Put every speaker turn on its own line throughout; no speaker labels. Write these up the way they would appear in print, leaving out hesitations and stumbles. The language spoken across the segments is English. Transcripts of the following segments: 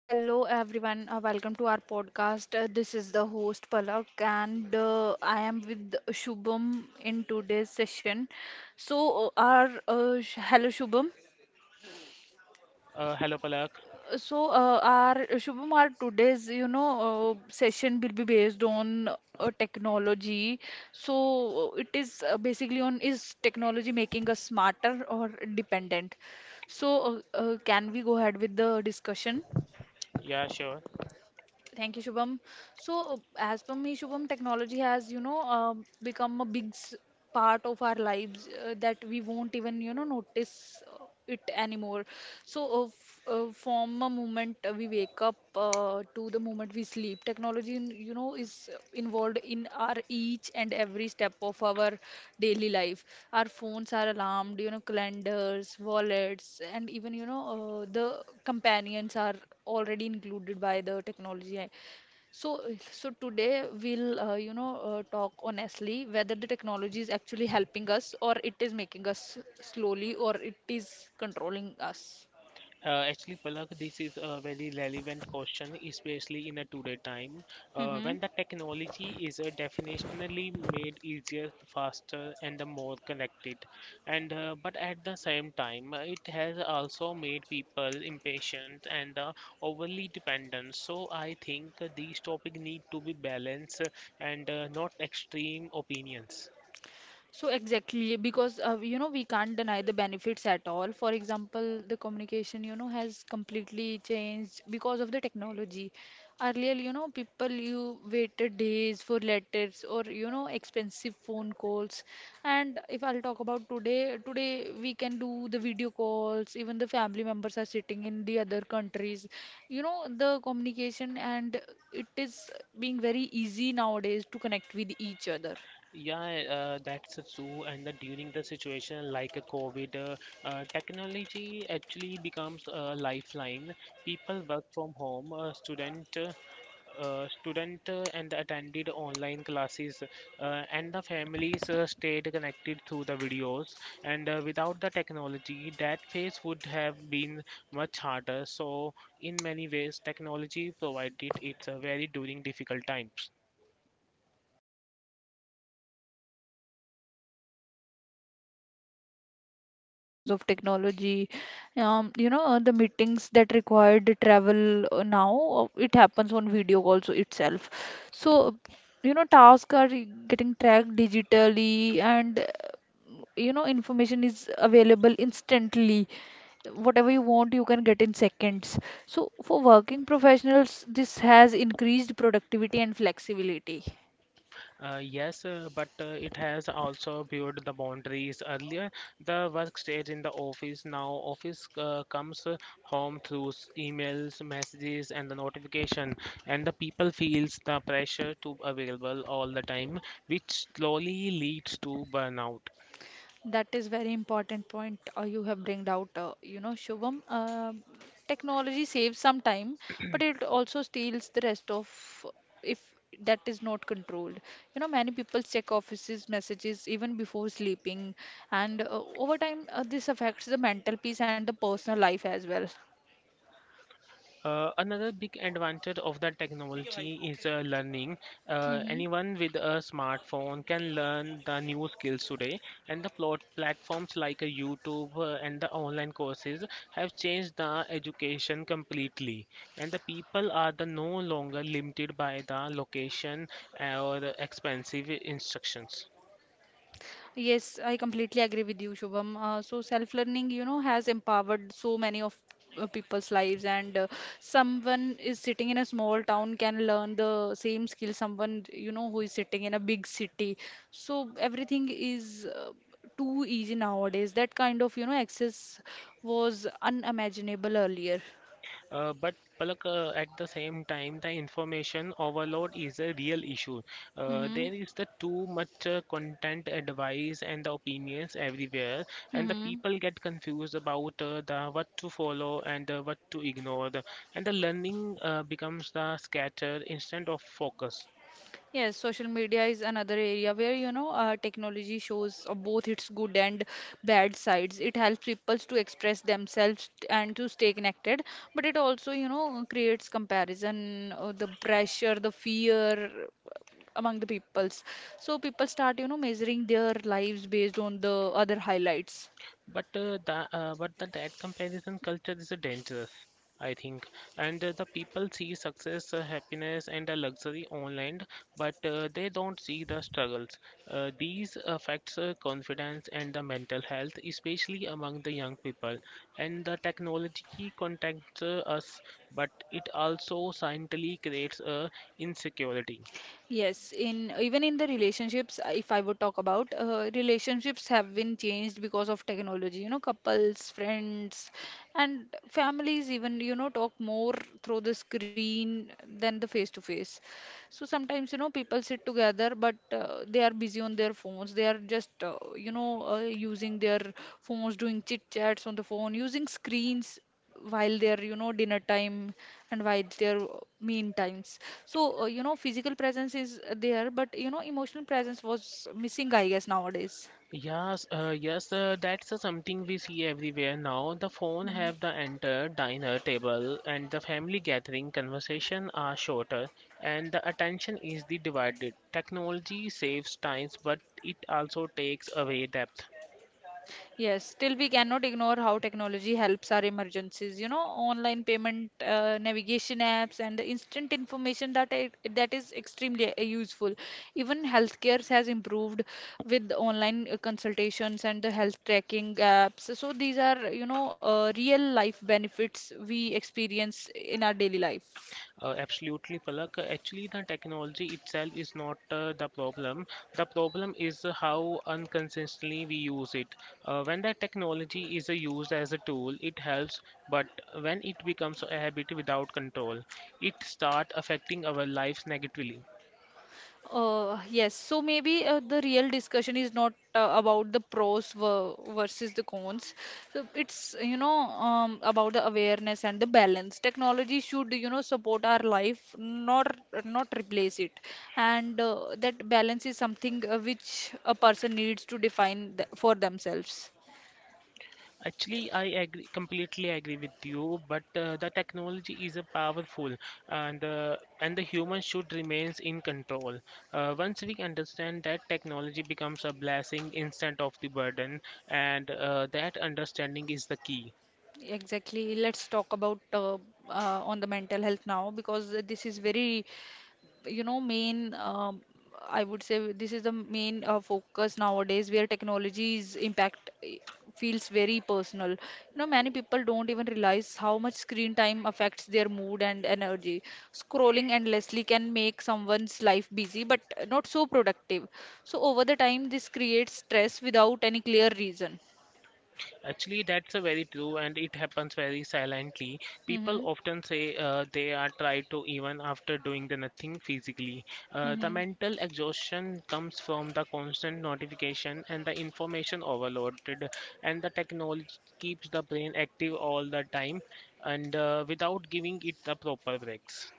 Hello everyone, welcome to our podcast. This is the host Palak and I am with Shubham in today's session. So. Hello Shubham.
Hello, Palak.
So, our Shubham, our today's session will be based on technology. So, it is basically on is technology making us smarter or dependent? Can we go ahead with the discussion?
Yeah, sure.
Thank you, Shubham. So, as per me, Shubham, technology has, become a big part of our lives that we won't even, notice it anymore. So, f From a moment we wake up to the moment we sleep, technology, is involved in our each and every step of our daily life. Our phones are alarmed, calendars, wallets, and even, the companions are already included by the technology. So, so, today we'll, talk honestly whether the technology is actually helping us or it is making us slowly or it is controlling us.
Actually, Palak, this is a very relevant question, especially in a today time,
Mm-hmm.
when the technology is definitionally made easier, faster, and the more connected. And but at the same time, it has also made people impatient and overly dependent. So I think these topics need to be balanced and not extreme opinions.
So exactly, because we can't deny the benefits at all. For example, the communication has completely changed because of the technology. Earlier, people you waited days for letters or expensive phone calls. And if I'll talk about today, today we can do the video calls. Even the family members are sitting in the other countries. The communication and it is being very easy nowadays to connect with each other.
Yeah, that's true. During the situation like a COVID, technology actually becomes a lifeline. People work from home, student and attended online classes, and the families stayed connected through the videos. And without the technology, that phase would have been much harder. So, in many ways, technology provided its very during difficult times.
So yes, Shubham, you are true here. So work life has also transformed because of technology. The meetings that required the travel now, it happens on video also itself. So, tasks are getting tracked digitally and, information is available instantly. Whatever you want, you can get in seconds. So for working professionals, this has increased productivity and flexibility.
Yes, but it has also viewed the boundaries. Earlier, the work stayed in the office. Now, office comes home through emails, messages, and the notification. And the people feels the pressure to available all the time, which slowly leads to burnout.
That is very important point you have bringed out. Shubham, technology saves some time, but it also steals the rest of if that is not controlled. Many people check offices messages even before sleeping, and over time this affects the mental peace and the personal life as well.
Another big advantage of the technology is learning.
Mm-hmm.
Anyone with a smartphone can learn the new skills today, and the plot platforms like YouTube and the online courses have changed the education completely. And the people are the no longer limited by the location or expensive instructions.
Yes, I completely agree with you, Shubham. So self-learning, has empowered so many of people's lives, and someone is sitting in a small town can learn the same skill someone, who is sitting in a big city. So everything is too easy nowadays. That kind of, access was unimaginable earlier.
But Palak, at the same time, the information overload is a real issue.
Mm-hmm.
There is the too much content, advice, and the opinions everywhere, and the
Mm-hmm.
people get confused about the what to follow and what to ignore, and the learning becomes the scattered instead of focus.
Yes, social media is another area where technology shows both its good and bad sides. It helps people to express themselves and to stay connected, but it also creates comparison, the pressure, the fear among the peoples. So people start measuring their lives based on the other highlights.
But that comparison culture is a danger, I think. And the people see success, happiness, and a luxury online, but they don't see the struggles. These affects confidence and the mental health, especially among the young people. And the technology contacts us, but it also silently creates insecurity.
Yes, in even in the relationships, if I would talk about relationships have been changed because of technology. Couples, friends, and families even talk more through the screen than the face to face. So sometimes people sit together, but they are busy on their phones. They are just using their phones, doing chit chats on the phone, using screens while their dinner time and while their mean times. So, physical presence is there, but emotional presence was missing, I guess, nowadays.
Yes, that's something we see everywhere now. The phone have the enter diner table and the family gathering conversation are shorter and the attention is the divided. Technology saves times, but it also takes away depth.
Yes, still we cannot ignore how technology helps our emergencies. Online payment, navigation apps, and the instant information that is extremely useful. Even healthcare has improved with online consultations and the health tracking apps. So these are, real life benefits we experience in our daily life.
Absolutely, Palak. Actually, the technology itself is not the problem. The problem is how unconsistently we use it. When that technology is used as a tool, it helps, but when it becomes a habit without control, it starts affecting our lives negatively.
Yes, so maybe the real discussion is not about the pros versus the cons. So it's, about the awareness and the balance. Technology should, support our life, not replace it. And that balance is something which a person needs to define th for themselves.
Actually, I agree, completely agree with you, but the technology is a powerful and the human should remains in control. Once we understand that, technology becomes a blessing instead of the burden, and that understanding is the key.
Exactly. Let's talk about on the mental health now because this is very you know main I would say this is the main focus nowadays where technology's impact feels very personal. Many people don't even realize how much screen time affects their mood and energy. Scrolling endlessly can make someone's life busy but not so productive. So over the time, this creates stress without any clear reason.
Actually, that's a very true, and it happens very silently. People
Mm-hmm.
often say they are tried to even after doing the nothing physically. The
Mm-hmm.
mental exhaustion comes from the constant notification and the information overloaded, and the technology keeps the brain active all the time, and without giving it the proper breaks.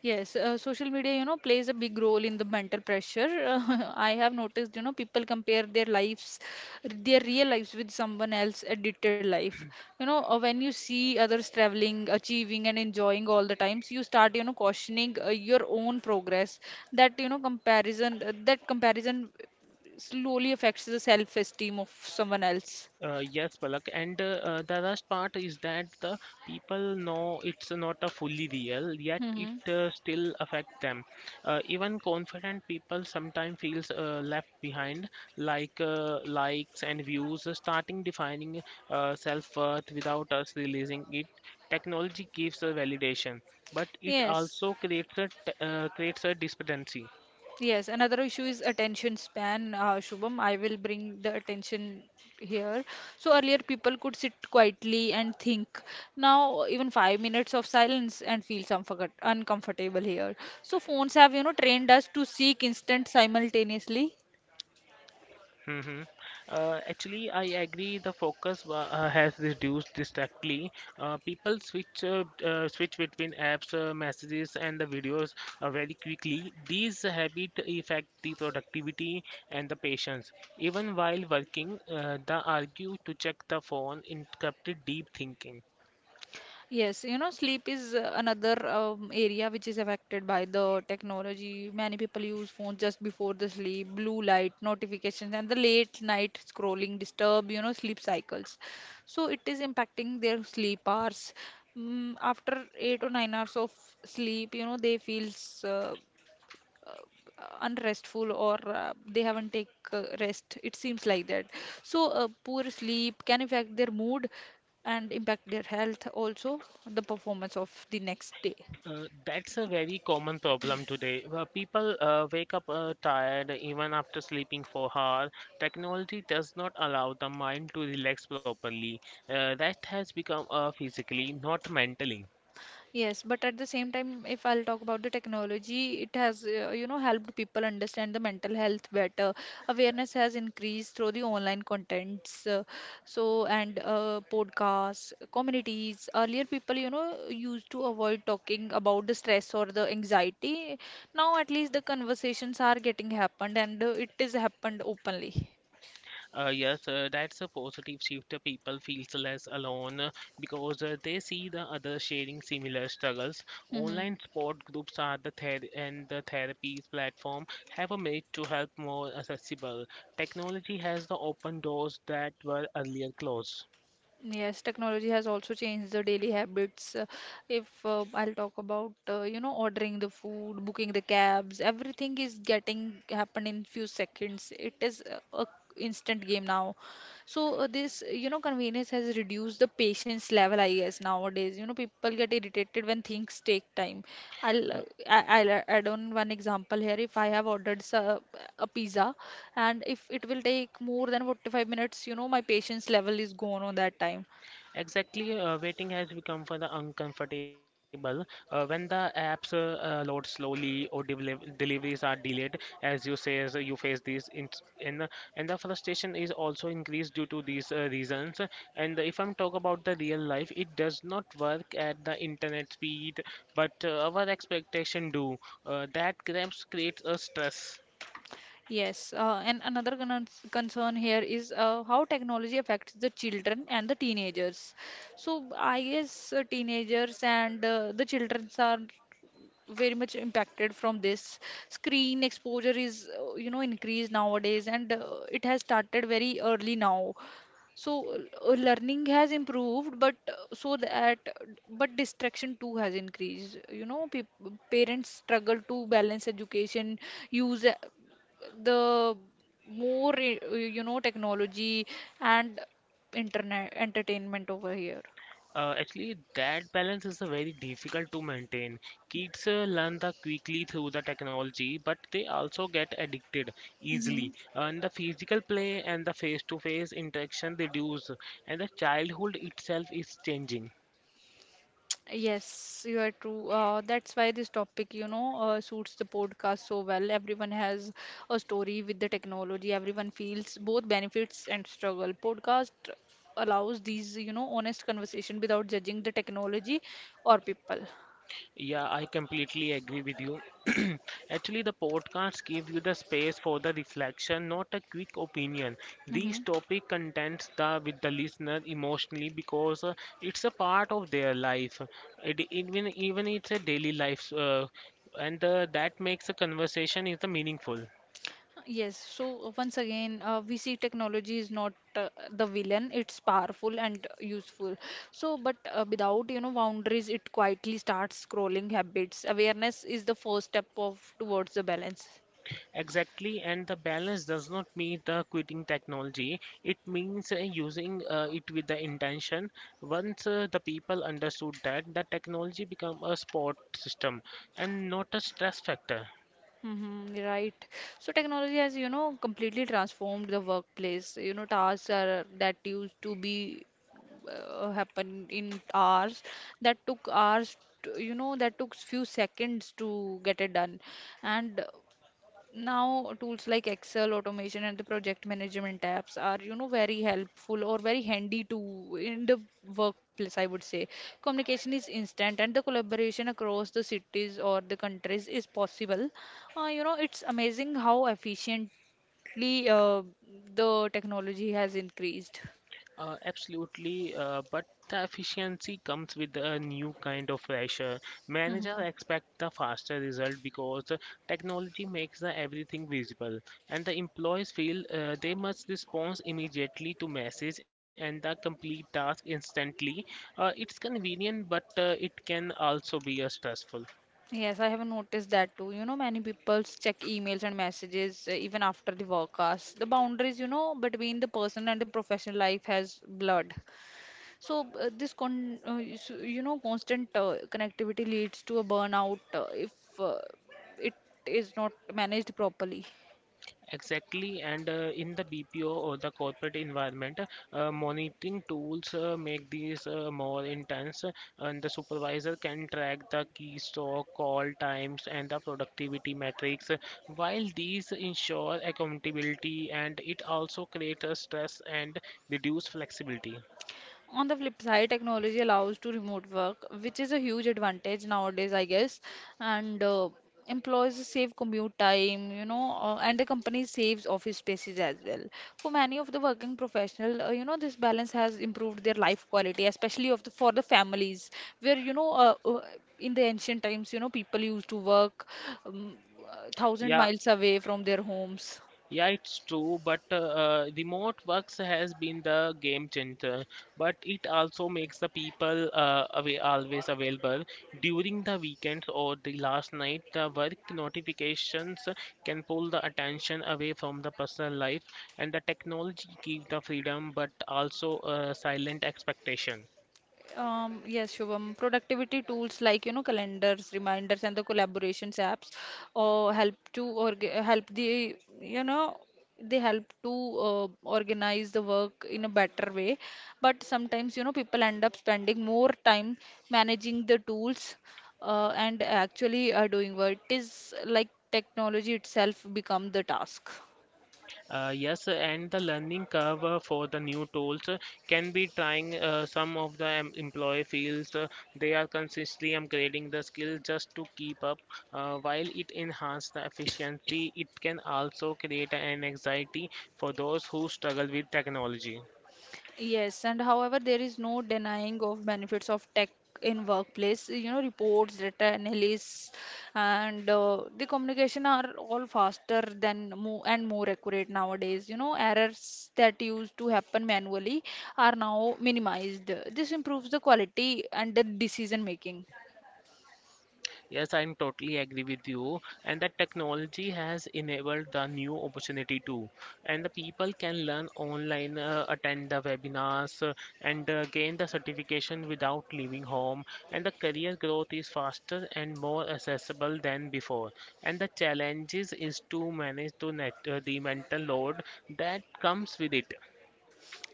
Yes, social media, plays a big role in the mental pressure. I have noticed, people compare their lives, their real lives with someone else's edited life. When you see others traveling, achieving, and enjoying all the times, you start, questioning your own progress. That comparison slowly affects the self-esteem of someone else.
Yes, Palak, and the last part is that the people know it's not a fully real, yet it
Hmm.
still affect them. Even confident people sometimes feels left behind, like likes and views, starting defining self-worth without us realizing it. Technology gives a validation, but it
Yes.
also creates a disparity.
Yes, another issue is attention span. Shubham, I will bring the attention here. So earlier people could sit quietly and think. Now even 5 minutes of silence and feel some uncomfortable here. So phones have, trained us to seek instant simultaneously.
Mm-hmm. Actually, I agree. The focus has reduced distractly. People switch between apps, messages, and the videos very quickly. These habit affect the productivity and the patience. Even while working, the argue to check the phone interrupted deep thinking.
Yes, sleep is another area which is affected by the technology. Many people use phones just before the sleep, blue light, notifications, and the late night scrolling disturb, sleep cycles. So it is impacting their sleep hours. After 8 or 9 hours of sleep, they feels unrestful or they haven't take rest, it seems like that. So, poor sleep can affect their mood and impact their health also, the performance of the next day.
That's a very common problem today. People wake up tired even after sleeping for hours. Technology does not allow the mind to relax properly. Rest has become physically, not mentally.
Yes, but at the same time, if I'll talk about the technology, it has, helped people understand the mental health better. Awareness has increased through the online contents, so and podcasts, communities. Earlier, people, used to avoid talking about the stress or the anxiety. Now, at least the conversations are getting happened, and it is happened openly.
Yes, that's a positive shift. People feel less alone because they see the other sharing similar struggles.
Mm-hmm.
Online support groups are the and the therapies platform have a made to help more accessible. Technology has the open doors that were earlier closed.
Yes, technology has also changed the daily habits. If I'll talk about, ordering the food, booking the cabs, everything is getting happen in few seconds. It is a instant game now. So, this, convenience has reduced the patience level, I guess, nowadays. People get irritated when things take time. I'll uh, I'll add on one example here. If I have ordered a pizza, and if it will take more than 45 minutes, my patience level is gone on that time.
Exactly, waiting has become for the uncomfortable. When the apps load slowly or deliveries are delayed, as you say, as you face these in and the frustration is also increased due to these reasons. And if I'm talk about the real life, it does not work at the internet speed, but our expectation do. That grabs creates a stress.
Yes, and another concern here is how technology affects the children and the teenagers. So I guess teenagers and the children are very much impacted from this. Screen exposure is, increased nowadays, and it has started very early now. So learning has improved, but so that but distraction too has increased. You know, peop parents struggle to balance education, use the more technology and internet entertainment over here.
Actually, that balance is a very difficult to maintain. Kids learn the quickly through the technology, but they also get addicted
Mm-hmm.
easily. And the physical play and the face-to-face interaction reduce, and the childhood itself is changing.
Yes, you are true. That's why this topic, suits the podcast so well. Everyone has a story with the technology. Everyone feels both benefits and struggle. Podcast allows these, honest conversation without judging the technology or people.
Yeah, I completely agree with you. Actually, the podcast give you the space for the reflection, not a quick opinion. These
Mm-hmm.
topic contents the with the listener emotionally because it's a part of their life. It even even it's a daily life, and that makes a conversation is the meaningful.
Yes, so once again, we see technology is not the villain, it's powerful and useful. So, but without, boundaries, it quietly starts scrolling habits. Awareness is the first step of towards the balance.
Exactly, and the balance does not mean the quitting technology. It means using it with the intention. Once the people understood that, the technology become a support system and not a stress factor.
Mm-hmm, right. So technology has, completely transformed the workplace. Tasks are that used to be happen in hours that took hours to, that took few seconds to get it done, and now, tools like Excel, automation, and the project management apps are, very helpful or very handy to in the workplace, I would say. Communication is instant and the collaboration across the cities or the countries is possible. It's amazing how efficiently uh, the technology has increased.
Absolutely, but the efficiency comes with a new kind of pressure. Managers
Hmm.
expect the faster result because the technology makes the everything visible, and the employees feel they must respond immediately to message and the complete task instantly. It's convenient, but it can also be stressful.
Yes, I have noticed that too. Many people check emails and messages even after the work hours. The boundaries, between the person and the professional life has blurred. So this con, you s- you know, constant connectivity leads to a burnout if uh, it is not managed properly.
Exactly, and in the BPO or the corporate environment, monitoring tools make these more intense, and the supervisor can track the keystroke, call times, and the productivity metrics. While these ensure accountability, and it also creates stress and reduce flexibility.
On the flip side, technology allows to remote work, which is a huge advantage nowadays, I guess. And Employees save commute time, and the company saves office spaces as well. For many of the working professional, this balance has improved their life quality, especially of the, for the families, where in the ancient times, you know, people used to work um, thousand
Yeah,
miles away from their homes.
Yeah, it's true, but remote works has been the game changer. But it also makes the people away, always available during the weekends or the last night. The work notifications can pull the attention away from the personal life, and the technology gives the freedom, but also silent expectation.
Yes, Shubham. Productivity tools like, you know, calendars, reminders, and the collaborations apps, or help to or help the, you know, they help to organize the work in a better way. But sometimes, you know, people end up spending more time managing the tools and actually doing work. It is like technology itself become the task.
Yes, and the learning curve for the new tools can be trying. Some of the employee feels they are consistently upgrading the skills just to keep up. While it enhances the efficiency, it can also create an anxiety for those who struggle with technology.
Yes, and however, there is no denying of benefits of tech in workplace. You know, reports, data analysis, and the communication are all faster than more and more accurate nowadays. You know, errors that used to happen manually are now minimized. This improves the quality and the decision making.
Yes, I'm totally agree with you. And that technology has enabled the new opportunity too. And the people can learn online, attend the webinars, and gain the certification without leaving home. And the career growth is faster and more accessible than before. And the challenges is to manage to net, the mental load that comes with it.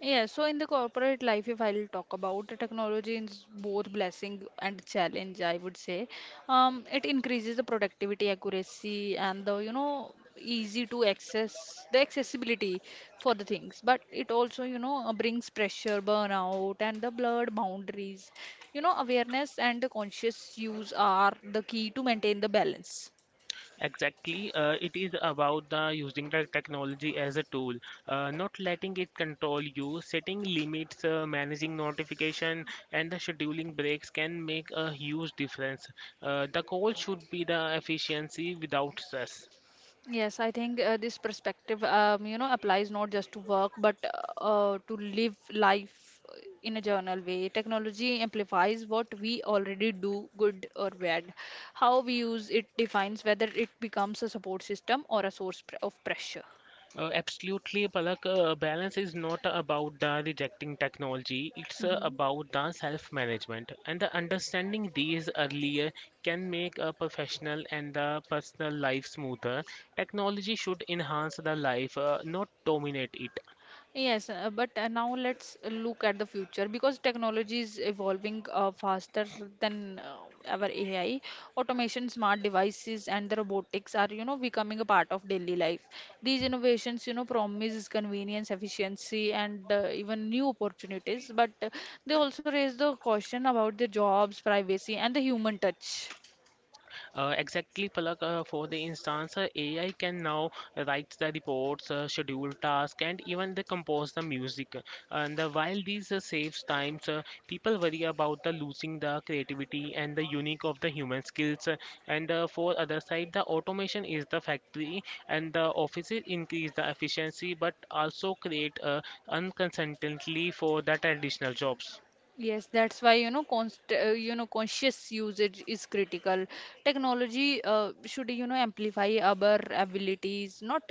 Yeah, so in the corporate life, if I'll talk about the technology is both blessing and challenge, I would say. It increases the productivity, accuracy, and the, you know, easy to access the accessibility for the things. But it also, you know, brings pressure, burnout, and the blurred boundaries. You know, awareness and the conscious use are the key to maintain the balance.
Exactly. It is about the using the technology as a tool, not letting it control you. Setting limits, managing notification, and the scheduling breaks can make a huge difference. The goal should be the efficiency without stress.
Yes, I think this perspective, you know, applies not just to work but to live life in a journal way. Technology amplifies what we already do, good or bad. How we use it defines whether it becomes a support system or a source of pressure.
Absolutely, Palak. Balance is not about the rejecting technology. It's
Mm-hmm.
about the self-management, and the understanding these earlier can make a professional and the personal life smoother. Technology should enhance the life, not dominate it.
Yes, but now let's look at the future because technology is evolving faster than our AI. Automation, smart devices, and the robotics are, you know, becoming a part of daily life. These innovations, you know, promise convenience, efficiency, and even new opportunities, but they also raise the question about the jobs, privacy, and the human touch.
Exactly, Palak. For the instance, AI can now write the reports, schedule tasks, and even they compose the music. And while these saves times, people worry about the losing the creativity and the unique of the human skills. And for other side, the automation is the factory, and the offices increase the efficiency, but also create unconsistently for the traditional jobs.
Yes, that's why you know const you know conscious usage is critical. Technology should you know amplify our abilities, not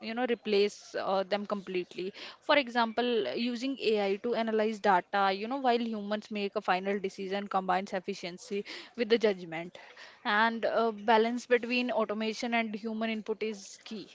you know replace them completely. For example, using AI to analyze data, you know, while humans make a final decision, combines efficiency with the judgment, and balance between automation and human input is key.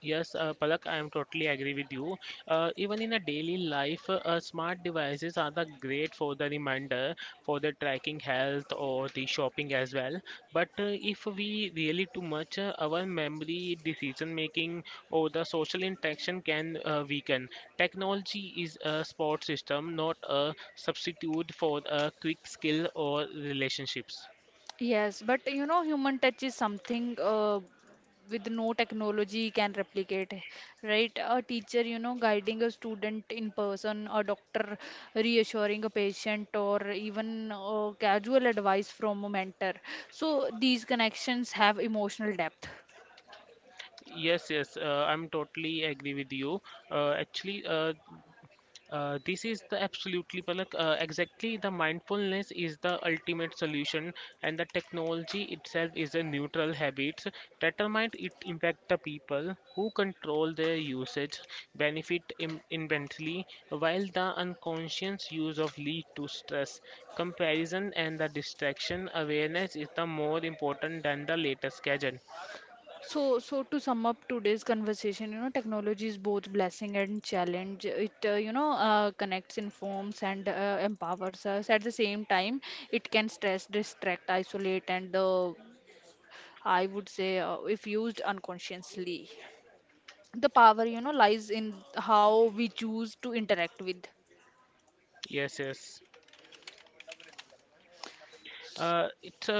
Yes, Palak, I am totally agree with you. Even in a daily life, smart devices are the great for the reminder, for the tracking health or the shopping as well. But if we really too much, our memory, decision making, or the social interaction can weaken. Technology is a support system, not a substitute for a quick skill or relationships.
Yes, but you know, human touch is something with no technology can replicate, right? A teacher, you know, guiding a student in person, a doctor reassuring a patient, or even casual advice from a mentor. So these connections have emotional depth.
Yes, I'm totally agree with you. Uh, actually, uh, this is the absolutely Palak. Exactly, the mindfulness is the ultimate solution, and the technology itself is a neutral habit. Determined it impact the people who control their usage, benefit immensely, while the unconscious use of lead to stress, comparison, and the distraction. Awareness is the more important than the latest gadget.
So to sum up today's conversation, you know, technology is both blessing and challenge. It connects, informs, and empowers us. At the same time, it can stress, distract, isolate, and I would say, if used unconsciously, the power, you know, lies in how we choose to interact with.
Yes, yes. Uh, it's uh,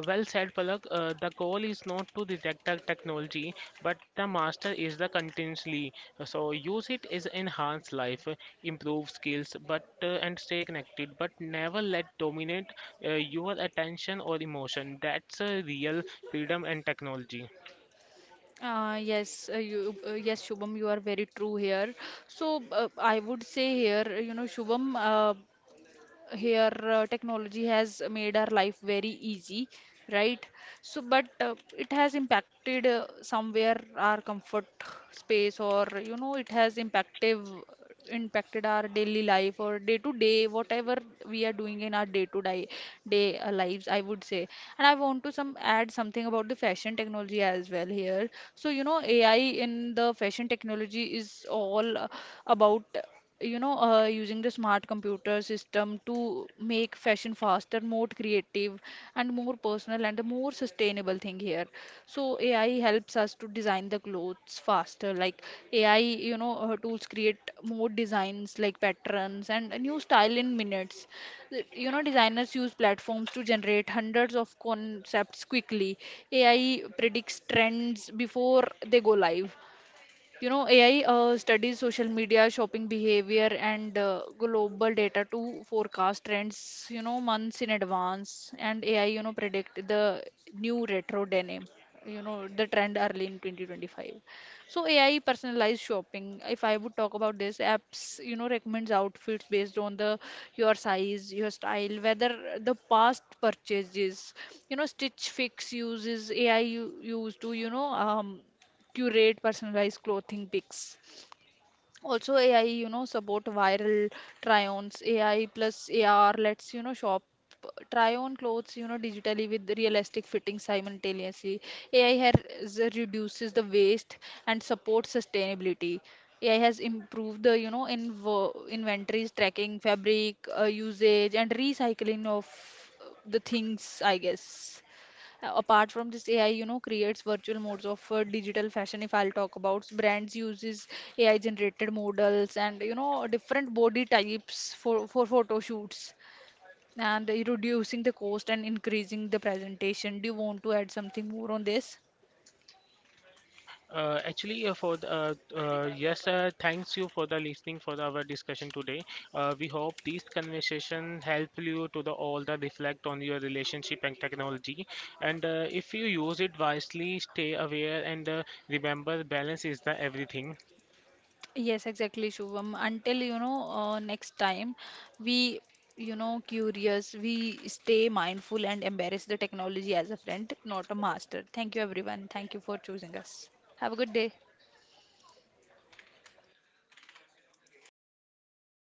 uh, well said, Palak. The goal is not to detect the technology, but the master is the continuously. So use it is enhance life, improve skills, but and stay connected. But never let dominate your attention or emotion. That's a real freedom and technology.
Yes, Shubham, you are very true here. So I would say here, you know, Shubham, here technology has made our life very easy, right? So but it has impacted somewhere our comfort space, or you know, it has impactive impacted our daily life or day to day, whatever we are doing in our day to day lives, I would say. And I want to some add something about the fashion technology as well here. So you know, AI in the fashion technology is all about you know using the smart computer system to make fashion faster, more creative, and more personal, and a more sustainable thing here. So AI helps us to design the clothes faster. Like, AI you know tools create more designs like patterns and a new style in minutes. You know, designers use platforms to generate hundreds of concepts quickly. AI predicts trends before they go live. You know, AI studies social media, shopping behavior, and global data to forecast trends, you know, months in advance. And AI, you know, predict the new retro denim, you know, the trend early in 2025. So AI personalized shopping. If I would talk about this, apps, you know, recommends outfits based on the your size, your style, whether the past purchases, you know, Stitch Fix uses used to, you know, curate personalized clothing picks. Also, AI, you know, support viral try-ons. AI plus AR lets you know shop try on clothes, you know, digitally with realistic fitting simultaneously. AI has reduces the waste and supports sustainability. AI has improved the, you know, invo inventories tracking, fabric usage, and recycling of the things, I guess. Apart from this, AI you know creates virtual modes of digital fashion. If I'll talk about, brands uses AI generated models and you know different body types for photo shoots and reducing the cost and increasing the presentation. Do you want to add something more on this?
Actually, for the, yes, Thanks you for the listening for the, our discussion today. We hope these conversation help you to the all the reflect on your relationship and technology. And if you use it wisely, stay aware and remember balance is the everything.
Yes, exactly, Shubham. Until, you know, next time, we, you know, curious, we stay mindful and embrace the technology as a friend, not a master. Thank you, everyone. Thank you for choosing us. Have a good day.